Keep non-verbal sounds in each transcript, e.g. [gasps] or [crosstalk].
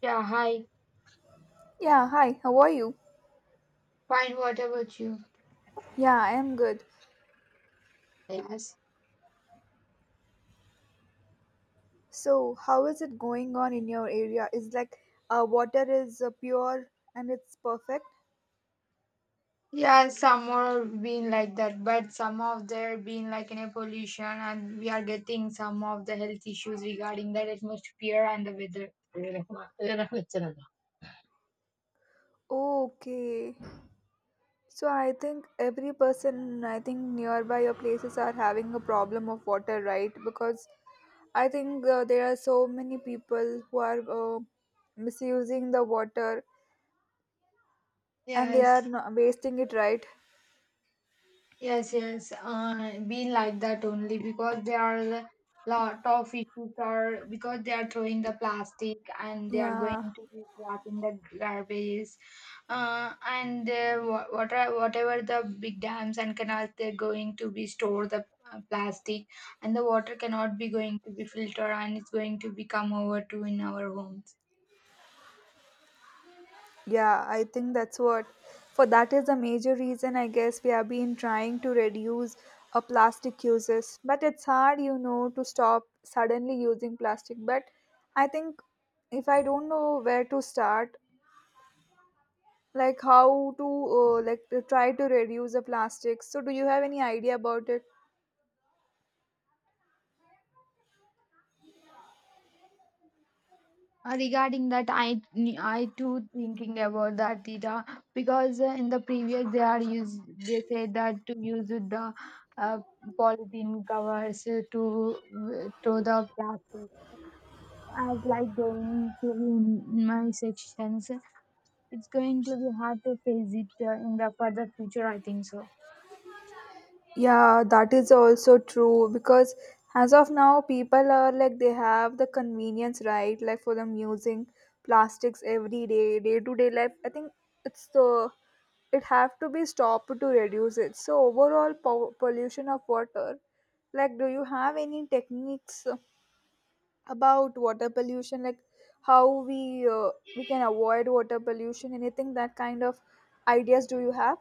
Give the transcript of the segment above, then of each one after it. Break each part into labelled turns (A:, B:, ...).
A: Yeah, hi.
B: Yeah, hi, how are you?
A: Fine, what about you?
B: Yeah, I am good.
A: Yes.
B: So, how is it going on in your area? Is like water is pure and it's perfect?
A: Yeah, some are being like that, but some of there are being like in a pollution, and we are getting some of the health issues regarding that atmosphere and the weather.
B: Okay. So, I think every person, I think nearby your places are having a problem of water, right? Because I think there are so many people who are misusing the water and they
A: Yes.
B: are not wasting it, right?
A: Yes, yes, been like that only because there are lot of issues or because they are throwing the plastic and they are
B: Yeah.
A: going to be wrapping the garbage, what are, whatever the big dams and canals they're going to be store the plastic, and the water cannot be going to be filtered and it's going to be come over to in our homes.
B: Yeah, I think that's what for that is a major reason I guess we have been trying to reduce a plastic uses. But it's hard, you know, to stop suddenly using plastic. But I think if I don't know where to start, like how to like to try to reduce the plastic. So do you have any idea about it?
A: Regarding that, I too thinking about that data, because in the previous they are used they said that to use the uh, polythene covers, to the plastic as like going to be in my sections. It's going to be hard to face it in the further future. I think so.
B: Yeah, that is also true because as of now, people are like they have the convenience, right? Like for them using plastics every day, day to day life. I think it's the it have to be stopped to reduce it. So overall pollution of water, like do you have any techniques about water pollution, like how we can avoid water pollution? Anything that kind of ideas do you have?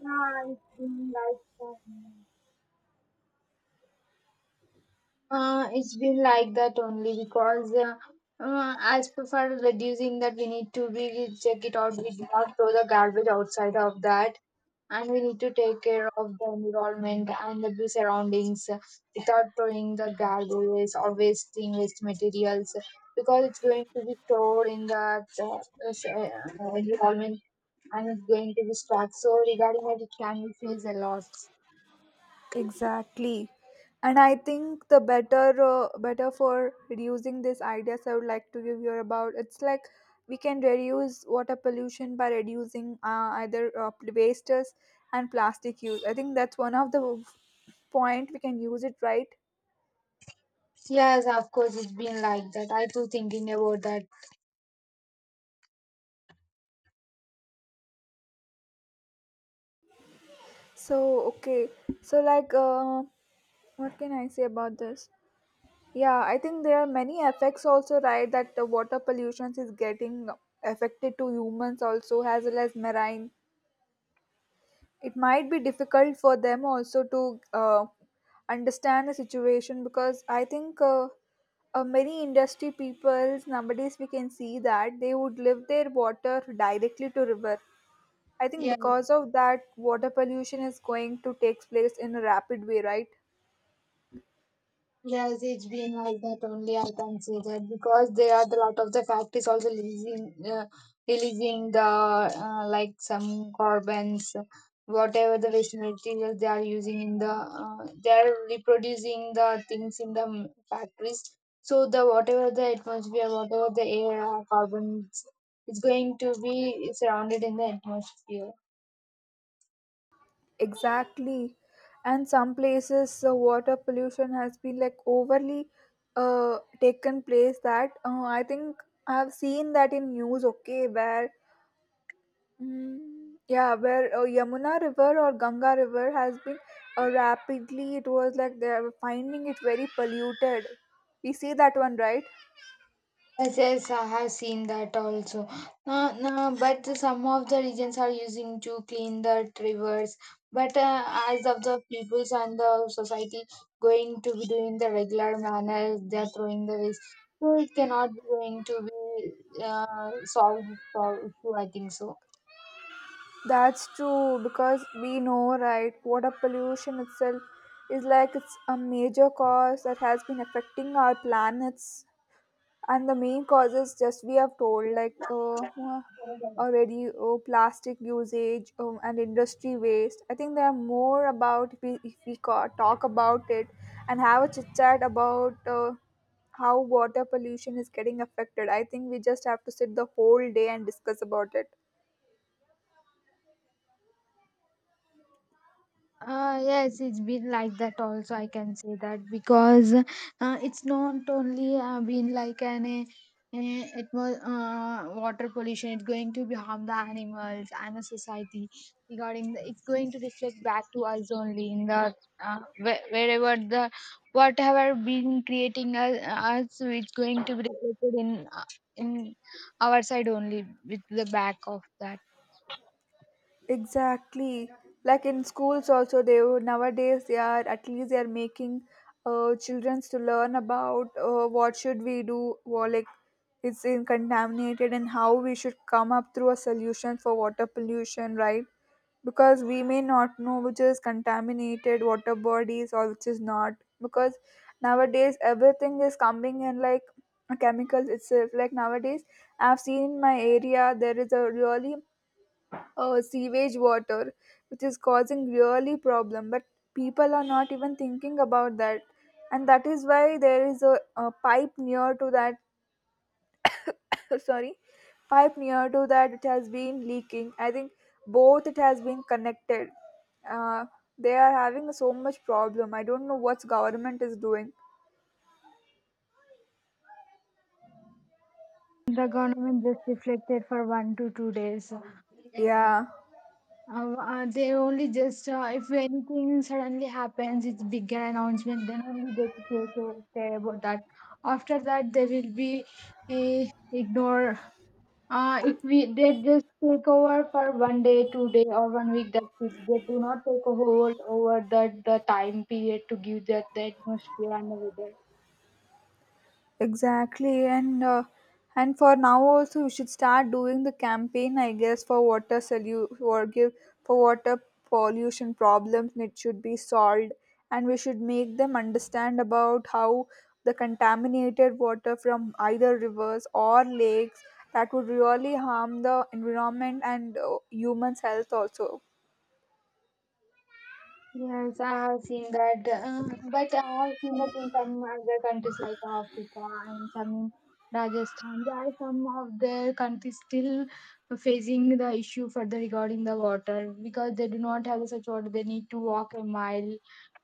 A: Yeah, it's been like that only because as prefer reducing that, we need to really check it out. We do not throw the garbage outside of that, and we need to take care of the environment and the surroundings without throwing the garbage or wasting waste materials, because it's going to be stored in the environment, and it's going to be stuck. So regarding that, it can be face a lot.
B: Exactly. And I think the better better for reducing these ideas I would like to give you about it's like we can reduce water pollution by reducing either wastes and plastic use. I think that's one of the point we can use it right.
A: Yes, of course, it's been like that. I too thinking about that.
B: So okay. So like what can I say about this? Yeah, I think there are many effects also right that the water pollution is getting affected to humans also as well as marine it might be difficult for them also to understand the situation because I think many industry peoples nowadays we can see that they would live their water directly to river. I think
A: Yeah,
B: because of that water pollution is going to take place in a rapid way, right?
A: yes, it's been like that only, I can say that, because they are the lot of the factories also releasing the like some carbons, whatever the waste materials they are using in the they are reproducing the things in the factories. So the whatever the atmosphere, whatever the air, carbons, is going to be surrounded in the atmosphere.
B: Exactly. And some places water pollution has been like overly taken place that I think I have seen that in news. Okay, where Mm, yeah, where Yamuna River or Ganga River has been rapidly, it was like they are finding it very polluted. We see that one, right?
A: Yes, yes, I have seen that also. No, but some of the regions are using to clean the rivers. But as of the peoples and the society going to be doing the regular manner, they are throwing the waste. So it cannot be going to be solved this issue, I think so.
B: That's true because we know, right? Water pollution itself is like it's a major cause that has been affecting our planets. And the main causes just we have told like uh, already plastic usage and industry waste. I think there are more about if we, talk about it and have a chit chat about how water pollution is getting affected. I think we just have to sit the whole day and discuss about it.
A: Yes, it's been like that also. I can say that because it's not only been like an it was water pollution. It's going to be harm the animals and the society regarding the, it's going to reflect back to us only in the wherever the whatever being creating us, us it's going to be reflected in in our side only with the back of that.
B: Exactly. Like in schools also they would- nowadays they are at least they are making children to learn about what should we do or like it's in contaminated and how we should come up through a solution for water pollution, right? Because we may not know which is contaminated water bodies or which is not, because nowadays everything is coming in like chemicals itself. Like nowadays I've seen in my area there is a really sewage water which is causing really problem, but people are not even thinking about that. And that is why there is a pipe near to that [laughs] sorry, pipe near to that, it has been leaking. I think both it has been connected. uh, they are having so much problem. I don't know what's government is doing.
A: The government just reflected for 1 to 2 days.
B: Yeah.
A: They only just if anything suddenly happens, it's bigger announcement. Then only they take care about that. After that, they will be uh, ignore. If we they just take over for 1 day, 2 day, or 1 week. That's it. They do not take a whole over that the time period to give that the atmosphere and the weather.
B: Exactly, and and for now also we should start doing the campaign, I guess, for give for water pollution problems. And it should be solved, and we should make them understand about how the contaminated water from either rivers or lakes that would really harm the environment and humans' health also.
A: Yes, I have seen that, but I have seen that in some other countries like Africa, and some in Rajasthan. There are some of their countries still facing the issue further regarding the water, because they do not have such water. They need to walk a mile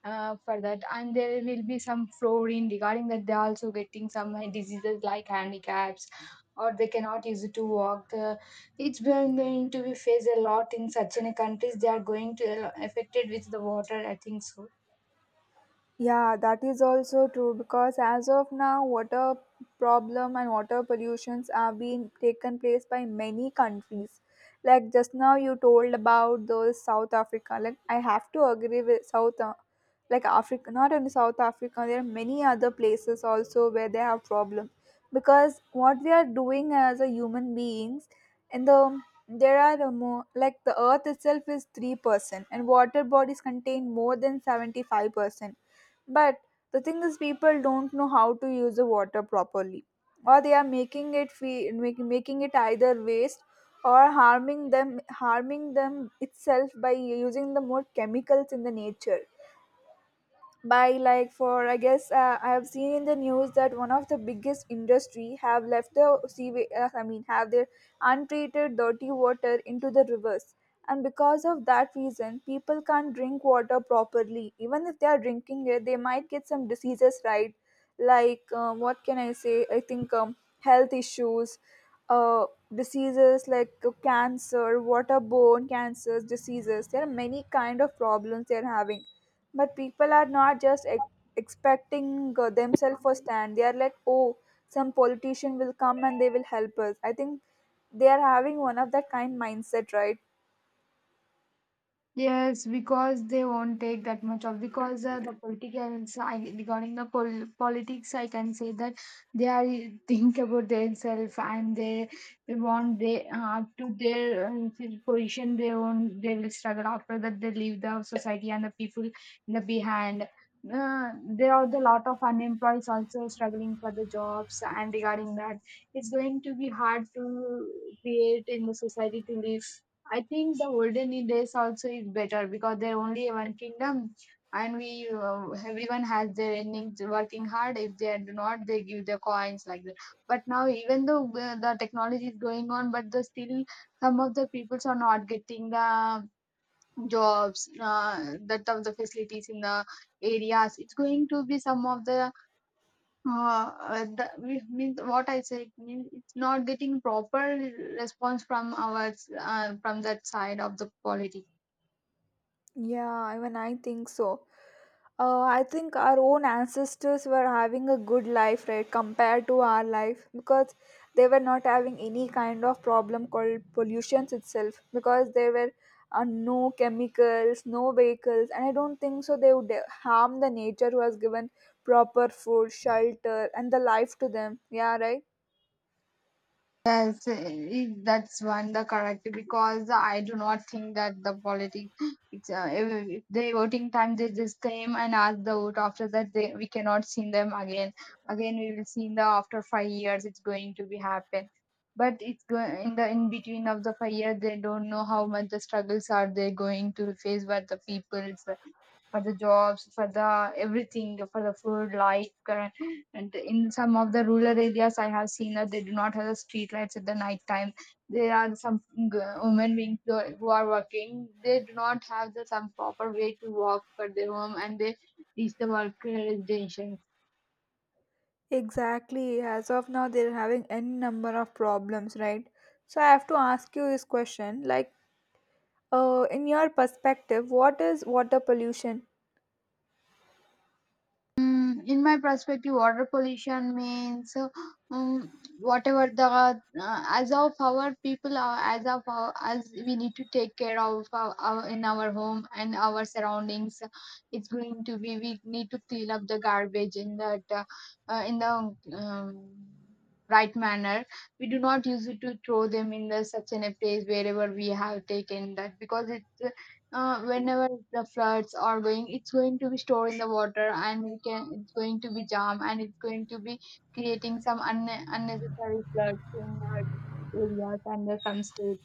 A: for that, and there will be some flooring regarding that. They are also getting some diseases like handicaps, or they cannot use it to walk. It's going to be faced a lot in such in a countries. They are going to a affected with the water, I think so.
B: Yeah, that is also true because as of now, water problem and water pollutions are being taken place by many countries. Like just now you told about those South Africa. Like I have to agree with South, like Africa, not only South Africa. There are many other places also where they have problem, because what we are doing as a human beings, and the there are a more like the earth itself is 3% and water bodies contain more than 75%, but the thing is, people don't know how to use the water properly, or they are making make, making it either waste or harming them itself by using the more chemicals in the nature by like for I guess I have seen in the news that one of the biggest industry have left I mean have their untreated dirty water into the rivers, and because of that reason people can't drink water properly. Even if they are drinking it they might get some diseases, right? Like what can I say? I think health issues, uh, diseases like cancer, waterborne cancers diseases. There are many kind of problems they're having, but people are not just expecting themselves for stand. They are like oh, some politician will come and they will help us. I think they are having one of that kind mindset, right?
A: Yes, because they won't take that much of, because the politicians I, regarding the politics, I can say that they are think about themselves, and they, want they to their position, they won't they will struggle. After that, they leave the society and the people in the behind. There are the lot of unemployed also struggling for the jobs, and regarding that, it's going to be hard to create in the society to live. I think the olden days also is better, because there only one kingdom, and we everyone has their endings working hard. If they do not, they give their coins like that. But now, even though the technology is going on, but the still some of the peoples are not getting the jobs, that of the facilities in the areas. It's going to be some of the means what I said means it's not getting proper response from our from that side of the politics.
B: Yeah, even I think so. I think our own ancestors were having a good life, right, compared to our life because they were not having any kind of problem called pollution itself, because there were no chemicals, no vehicles, and I don't think so they would harm the nature who has given proper food, shelter, and the life to them. Yeah, right?
A: Yes, that's one the correct, because I do not think that the politics [gasps] it's if they voting time, they just came and asked the vote. After that, they we cannot see them again. Again we will see in the after 5 years, it's going to be happen. But it's going in the in between of the 5 years, they don't know how much the struggles are they going to face by the people's, for the jobs, for the everything, for the food, light, current. And in some of the rural areas, I have seen that they do not have the street lights at the night time. There are some g- women being who are working. They do not have the some proper way to walk for their home, and they reach the work destination.
B: Exactly. As of now, they're having any number of problems, right? So I have to ask you this question like, in your perspective, what is water pollution?
A: Mm, in my perspective, water pollution means um, whatever the as of our people are as of our, as we need to take care of our in our home and our surroundings. It's going to be we need to clean up the garbage in that in the right manner. We do not use it to throw them in the such in a place wherever we have taken that, because it whenever the floods are going, it's going to be stored in the water, and we can it's going to be jam, and it's going to be creating some unnecessary floods in the areas and the some states.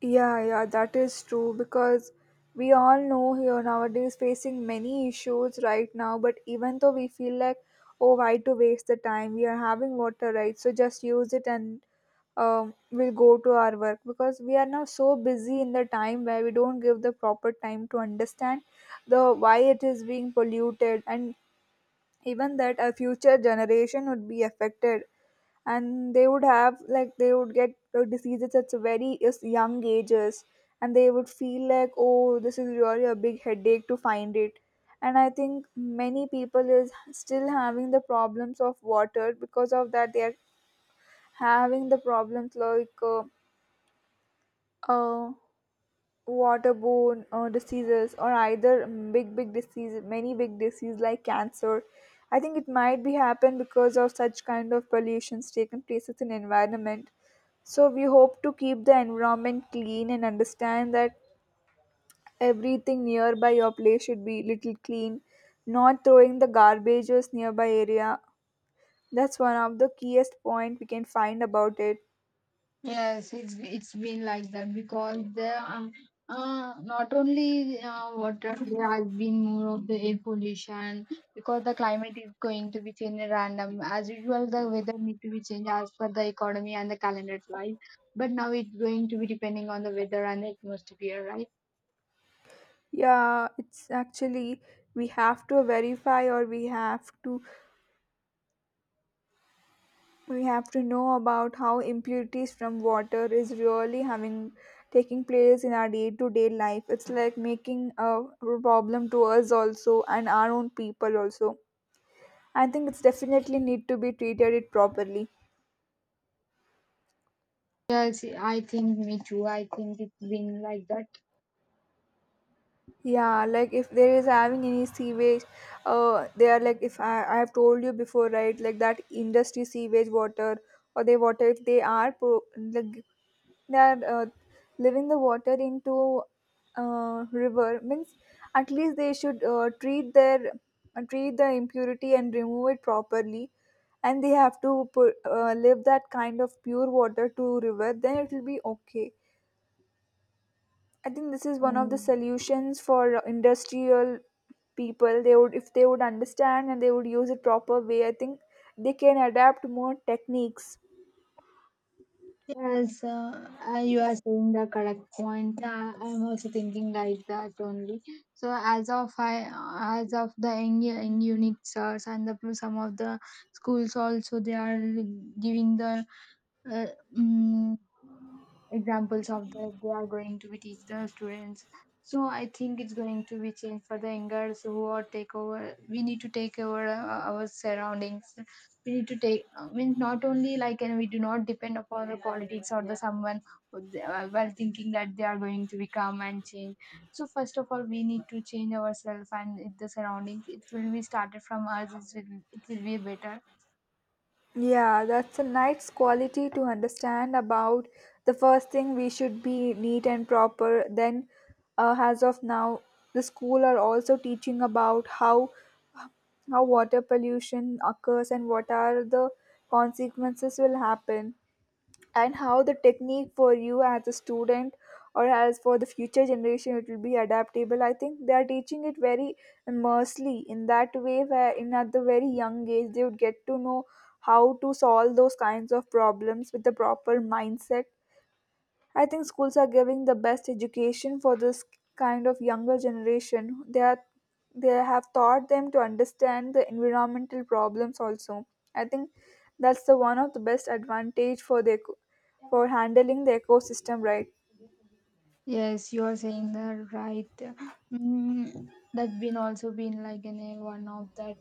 B: Yeah, yeah, that is true because we all know here nowadays facing many issues right now, but even though we feel like, oh, why to waste the time? We are having water, right? So just use it and we'll go to our work because we are now so busy in the time where we don't give the proper time to understand the why it is being polluted, and even that our future generation would be affected and they would have like they would get diseases at very young ages, and they would feel like oh this is really a big headache to find it. And I think many people is still having the problems of water, because of that they are having the problems like uh, waterborne diseases or either mm, big big disease, many big disease like cancer. I think it might be happen because of such kind of pollutions taken places in environment. So we hope to keep the environment clean and understand that everything nearby your place should be little clean, not throwing the garbages nearby area. That's one of the keyest point we can find about it.
A: Yes, it's been like that, because there are not only water, there has been more of the air pollution, because the climate is going to be changed random as usual. The weather need to be changed as per the economy and the calendar, right? But now it's going to be depending on the weather and the atmosphere, right?
B: Yeah, it's actually we have to verify or we have to know about how impurities from water is really having taking place in our day-to-day life. It's like making a problem to us also and our own people also. I think it's definitely need to be treated it properly.
A: Yes, I think me too, I think it's been like that.
B: Yeah, like if there is having any sewage, they are like if I, I have told you before right like that industry sewage water or they water if they are like they are leaving the water into river means at least they should treat their treat the impurity and remove it properly, and they have to put, leave that kind of pure water to river then it will be okay. I think this is one of the
A: Mm.
B: solutions for industrial people. They would if they would understand and they would use it proper way, I think they can adapt more techniques.
A: Yes, you are saying the correct point. I'm also thinking like that only. So as of I, as of the in unique stars and the, some of the schools also they are giving the uh, mm examples of that. They are going to be teach the students. So I think it's going to be changed for the youngers who are take over. We need to take over our surroundings. We need to take, I mean, not only like, and we do not depend upon the politics or the someone, who while thinking that they are going to become and change. So first of all, we need to change ourselves and the surroundings. It will be started from us, it will be better.
B: Yeah, that's a nice quality to understand about. The first thing we should be neat and proper. Then, as of now, the school are also teaching about how water pollution occurs and what are the consequences will happen, and how the technique for you as a student or as for the future generation it will be adaptable. I think they are teaching it very immersely in that way where in at the very young age they would get to know how to solve those kinds of problems with the proper mindset. I think schools are giving the best education for this kind of younger generation. They are they have taught them to understand the environmental problems also. I think that's the one of the best advantage for handling the ecosystem, right.
A: Yes, you are saying that right. Mm, that's been also been like an, a one of that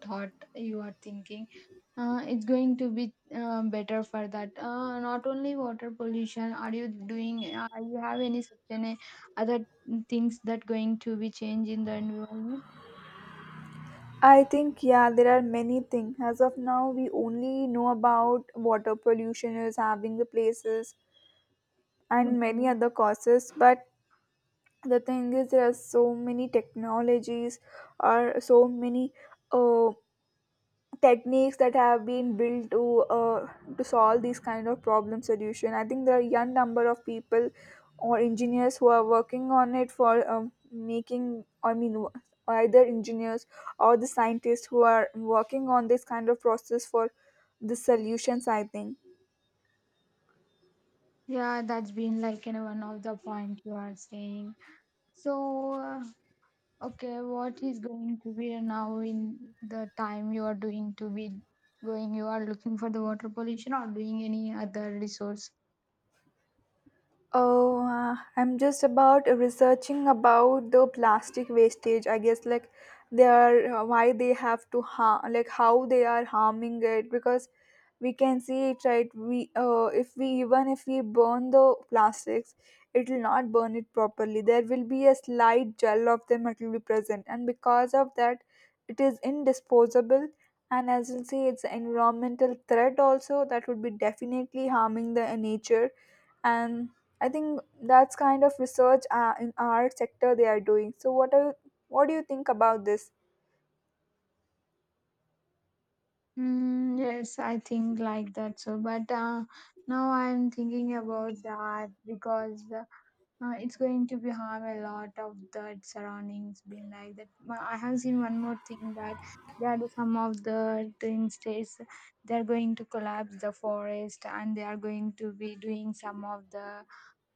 A: thought you are thinking. It's going to be better for that. Not only water pollution. Are you doing? You have any such any other things that going to be change in the environment?
B: I think yeah, there are many things. As of now, we only know about water pollution is having the places and many
A: Okay.
B: other causes. But the thing is, there are so many technologies or so many uh, techniques that have been built uh, to solve these kind of problem solution. I think there are young number of people or engineers who are working on it for making, I mean, either engineers or the scientists who are working on this kind of process for the solutions, I think.
A: Yeah, that's been like you one of the point you are saying. So, okay, what is going to be now in the time you are doing to be going? You are looking for the water pollution or doing any other resource?
B: Oh, I'm just about researching about the plastic wastage. I guess like they are, why they have to harm, like how they are harming it, because we can see it, right? We if we, even if we burn the plastics, it will not burn it properly. There will be a slight gel of them that will be present, and because of that, it is indisposable. And as you'll see, it's an environmental threat also that would be definitely harming the nature. And I think that's kind of research in our sector they are doing. So what are you, what do you think about this?
A: Mm, yes, I think like that. So, but now I'm thinking about that, because it's going to be harm a lot of the surroundings being like that. I have seen one more thing that there are some of the twin states, they're going to collapse the forest, and they are going to be doing some of the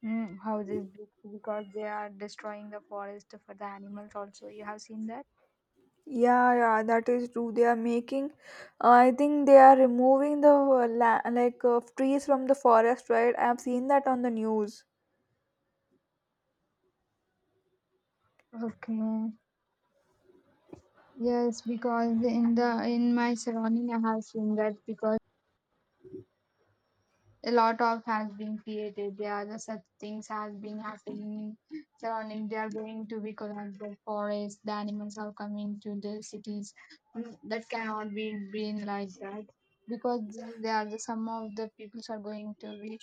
A: Houses because they are destroying the forest for the animals also. You have seen that?
B: Yeah, yeah, that is true. They are making, I think they are removing the like trees from the forest, right? I have seen that on the news.
A: Okay. Yes, because in the in my surrounding I have seen that, because a lot of has been created. There are the such things has been happening surrounding. They are going to be collapsed the forest. The animals are coming to the cities. Mm, that cannot be been like that, because they are the some of the peoples are going to be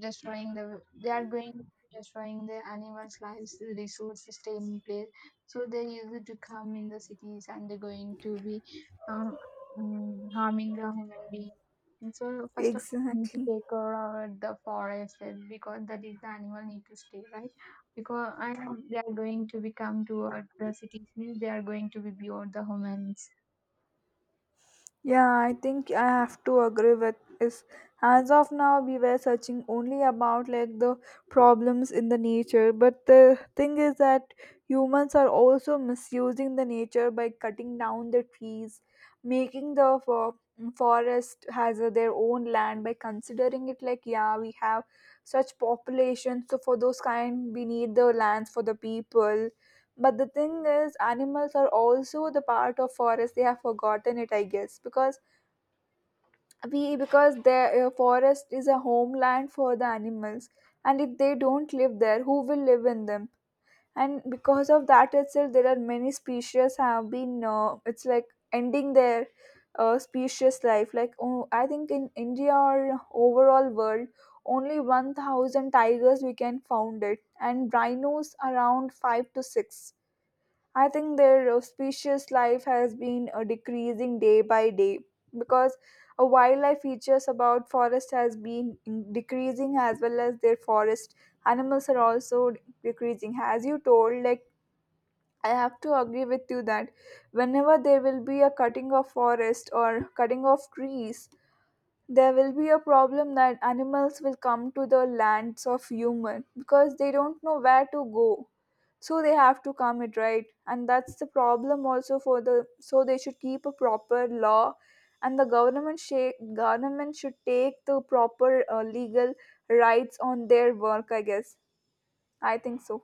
A: destroying the. They are going destroying the animals' lives, the resources stay in place. So they used to come in the cities and they're going to be um, harming the human beings and so first of all, we need to
B: Exactly.
A: take care of the forest and because that is the animal need to stay, right? Because and they are going to become toward the cities means they are going to be beyond the humans.
B: Yeah, I think I have to agree with is as of now we were searching only about like the problems in the nature, but the thing is that humans are also misusing the nature by cutting down the trees, making forest has their own land by considering it like, yeah, we have such population, so for those kind we need the lands for the people. But the thing is, animals are also the part of forest. They have forgotten it, I guess, because we because their forest is a homeland for the animals, and if they don't live there, who will live in them? And because of that itself, there are many species have been. It's like ending their species life. Like, oh, I think in India or overall world, only 1,000 tigers we can found it, and rhinos around five to six. I think their auspicious life has been decreasing day by day, because wildlife features about forest has been decreasing, as well as their forest animals are also decreasing. As you told, like, I have to agree with you that whenever there will be a cutting of forest or cutting of trees, there will be a problem that animals will come to the lands of human because they don't know where to go, so they have to come it, right? And that's the problem also for the, so they should keep a proper law and the government should take the proper legal rights on their work, I guess. I think so.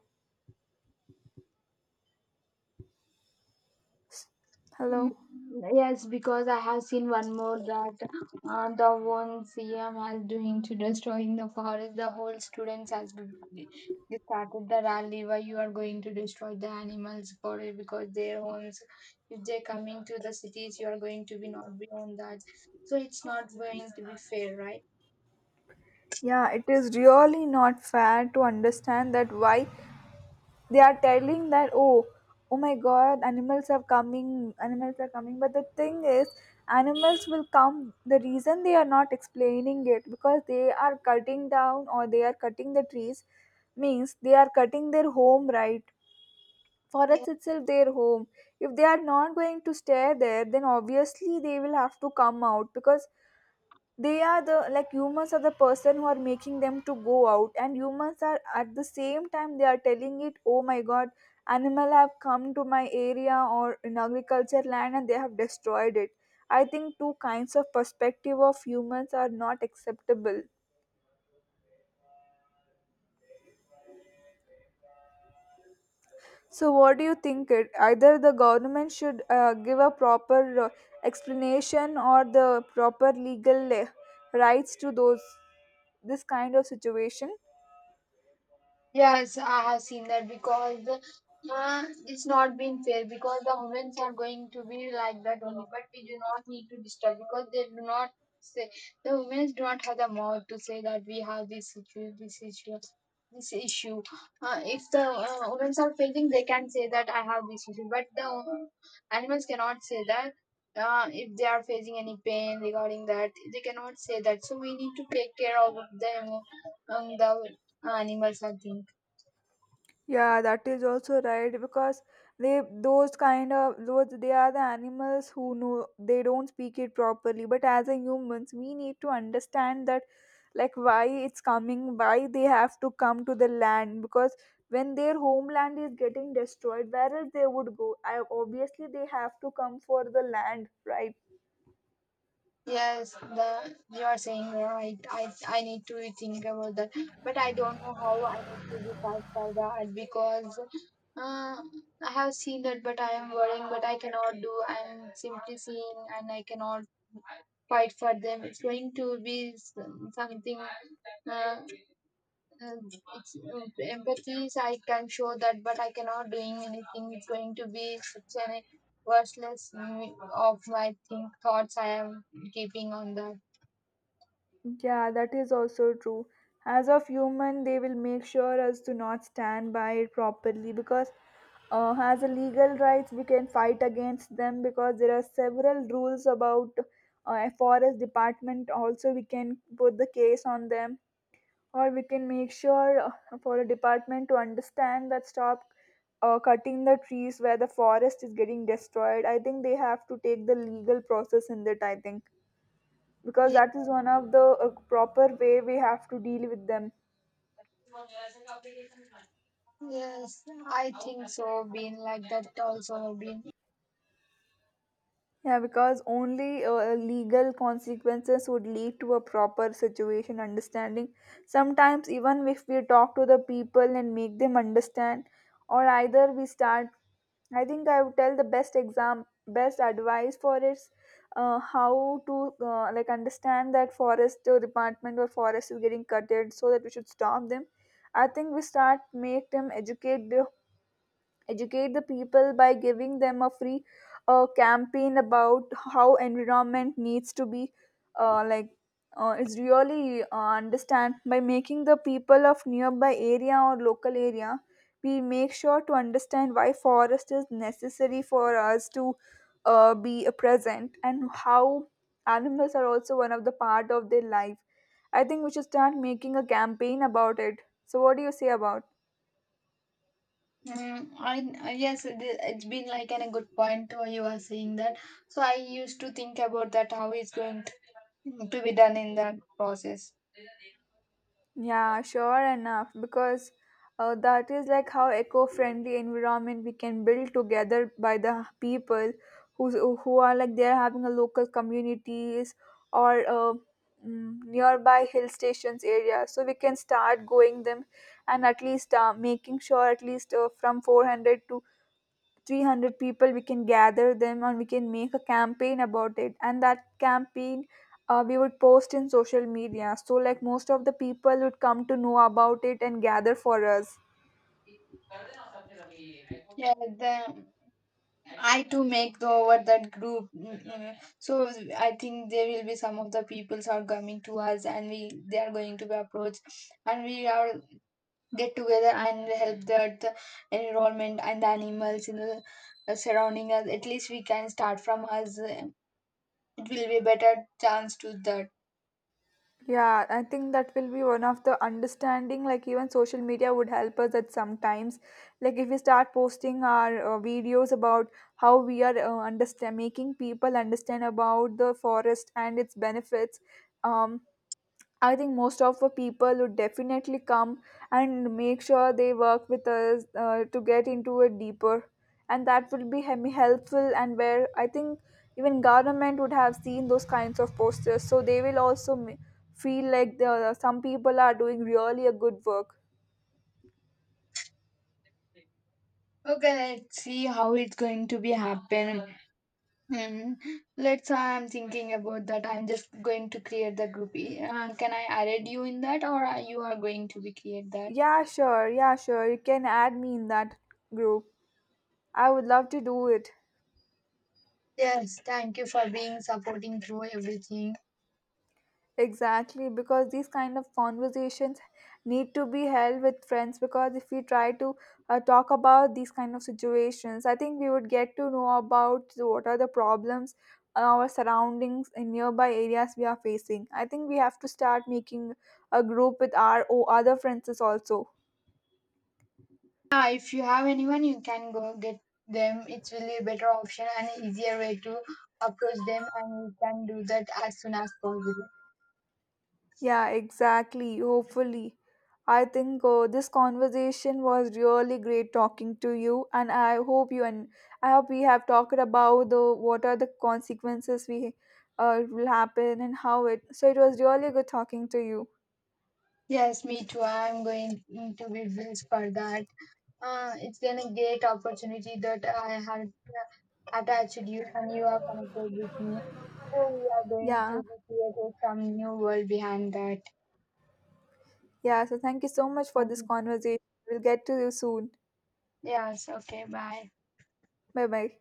A: Mm,
B: Hello?
A: yes, because I have seen one more that the one CM has doing to destroying the forest, the whole students has been they started the rally why you are going to destroy the animals for it because their homes if they're coming to the cities you are going to be not beyond that, so it's not going to be fair, right?
B: Yeah, it is really not fair to understand that why they are telling that, oh, oh my god, animals are coming, animals are coming. But the thing is, animals will come. The reason they are not explaining it, because they are cutting down or they are cutting the trees, means they are cutting their home, right? Forest itself their home. If they are not going to stay there, then obviously they will have to come out, because they are the, like, humans are the person who are making them to go out, and humans are at the same time they are telling it, oh my god, animal have come to my area or in agriculture land and they have destroyed it. I think two kinds of perspective of humans are not acceptable. So what do you think? It either the government should give a proper explanation or the proper legal rights to those this kind of situation.
A: Yes, I have seen that because it's not been fair because the women are going to be like that only, but we do not need to disturb because they do not say the women do not have the mouth to say that we have this issue, this issue, this issue. If the women are facing, they can say that I have this issue, but the animals cannot say that. If they are facing any pain regarding that, they cannot say that. So we need to take care of them, the animals and things.
B: Yeah, that is also right, because they those kind of those, they are the animals who know, they don't speak it properly. But as a humans, we need to understand that, like, why it's coming, why they have to come to the land, because when their homeland is getting destroyed, where else they would go? I, obviously, they have to come for the land, right?
A: Yes, the you are saying right. I need to think about that, but I don't know how I need to decide for that because uh, I have seen that, but I am worrying, but I cannot do. I'm simply seeing, and I cannot fight for them. It's going to be something. Uh, it's, empathy, I can show that, but I cannot doing anything. It's going to be such an worthless of my think thoughts I am keeping on that.
B: Yeah, that is also true. As of human, they will make sure us to not stand by it properly, because as a legal rights, we can fight against them, because there are several rules about forest department. Also, we can put the case on them, or we can make sure for a department to understand that stop cutting the trees where the forest is getting destroyed. I think they have to take the legal process in that, I think, because that is one of the proper way we have to deal with them.
A: Yes, I think so. Been like that also. Been.
B: Yeah, because only legal consequences would lead to a proper situation understanding. Sometimes even if we talk to the people and make them understand, or either we start, I think I would tell the best advice for is how to like, understand that forest or department or forest is getting cutted, so that we should stop them. I think we start make them educate, educate the people by giving them a free campaign about how environment needs to be, uh, like is really understand by making the people of nearby area or local area, we make sure to understand why forest is necessary for us to be present, and how animals are also one of the part of their life. I think we should start making a campaign about it. So what do you say about?
A: I yes, it's been like a good point where you are saying that. So I used to think about that how it's going to be done in that process.
B: Yeah, sure enough, because that is like how eco-friendly environment we can build together by the people who's who are like they're having a local communities, or nearby hill stations area. So we can start going them and at least making sure at least from 400 to 300 people we can gather them, and we can make a campaign about it, and that campaign we would post in social media, so like most of the people would come to know about it and gather for us.
A: Yeah, the I to make over that group. Mm. So I think there will be some of the peoples are coming to us and we they are going to be approached, and we are get together and help the environment and the animals in the surrounding us. At least we can start from us, it will be better chance to that.
B: Yeah, I think that will be one of the understanding, like even social media would help us at sometimes. Like if we start posting our videos about how we are understand making people understand about the forest and its benefits, um I think most of the people would definitely come and make sure they work with us to get into it deeper, and that will be helpful. And where I think even government would have seen those kinds of posters, so they will also feel like the, some people are doing really a good work.
A: Okay, let's see how it's going to be happen. Mm, let's, I'm thinking about that. I'm just going to create the group. Can I add you in that, or are you are going to be create that?
B: Yeah, sure. Yeah, sure. You can add me in that group. I would love to do it.
A: Yes, thank you for being supporting through everything.
B: Exactly, because these kind of conversations need to be held with friends. Because if we try to talk about these kind of situations, I think we would get to know about the what are the problems in our surroundings in nearby areas we are facing. I think we have to start making a group with our other friends is also.
A: Yeah, if you have anyone, you can go get them. It's really a better option and easier way to approach them, and you can do that as soon as possible.
B: Yeah, exactly. Hopefully. I think this conversation was really great talking to you, and I hope you and I hope we have talked about the what are the consequences we will happen and how it, so it was really good talking to you.
A: Yes, me too. I'm going to be built for that. It's been a great opportunity that I had attached you, and you are connected with me. So we are going
B: Yeah.
A: to create some new world behind that.
B: Yeah, so thank you so much for this
A: Mhm.
B: conversation. We'll get to you soon.
A: Yes. Okay. Bye.
B: Bye bye.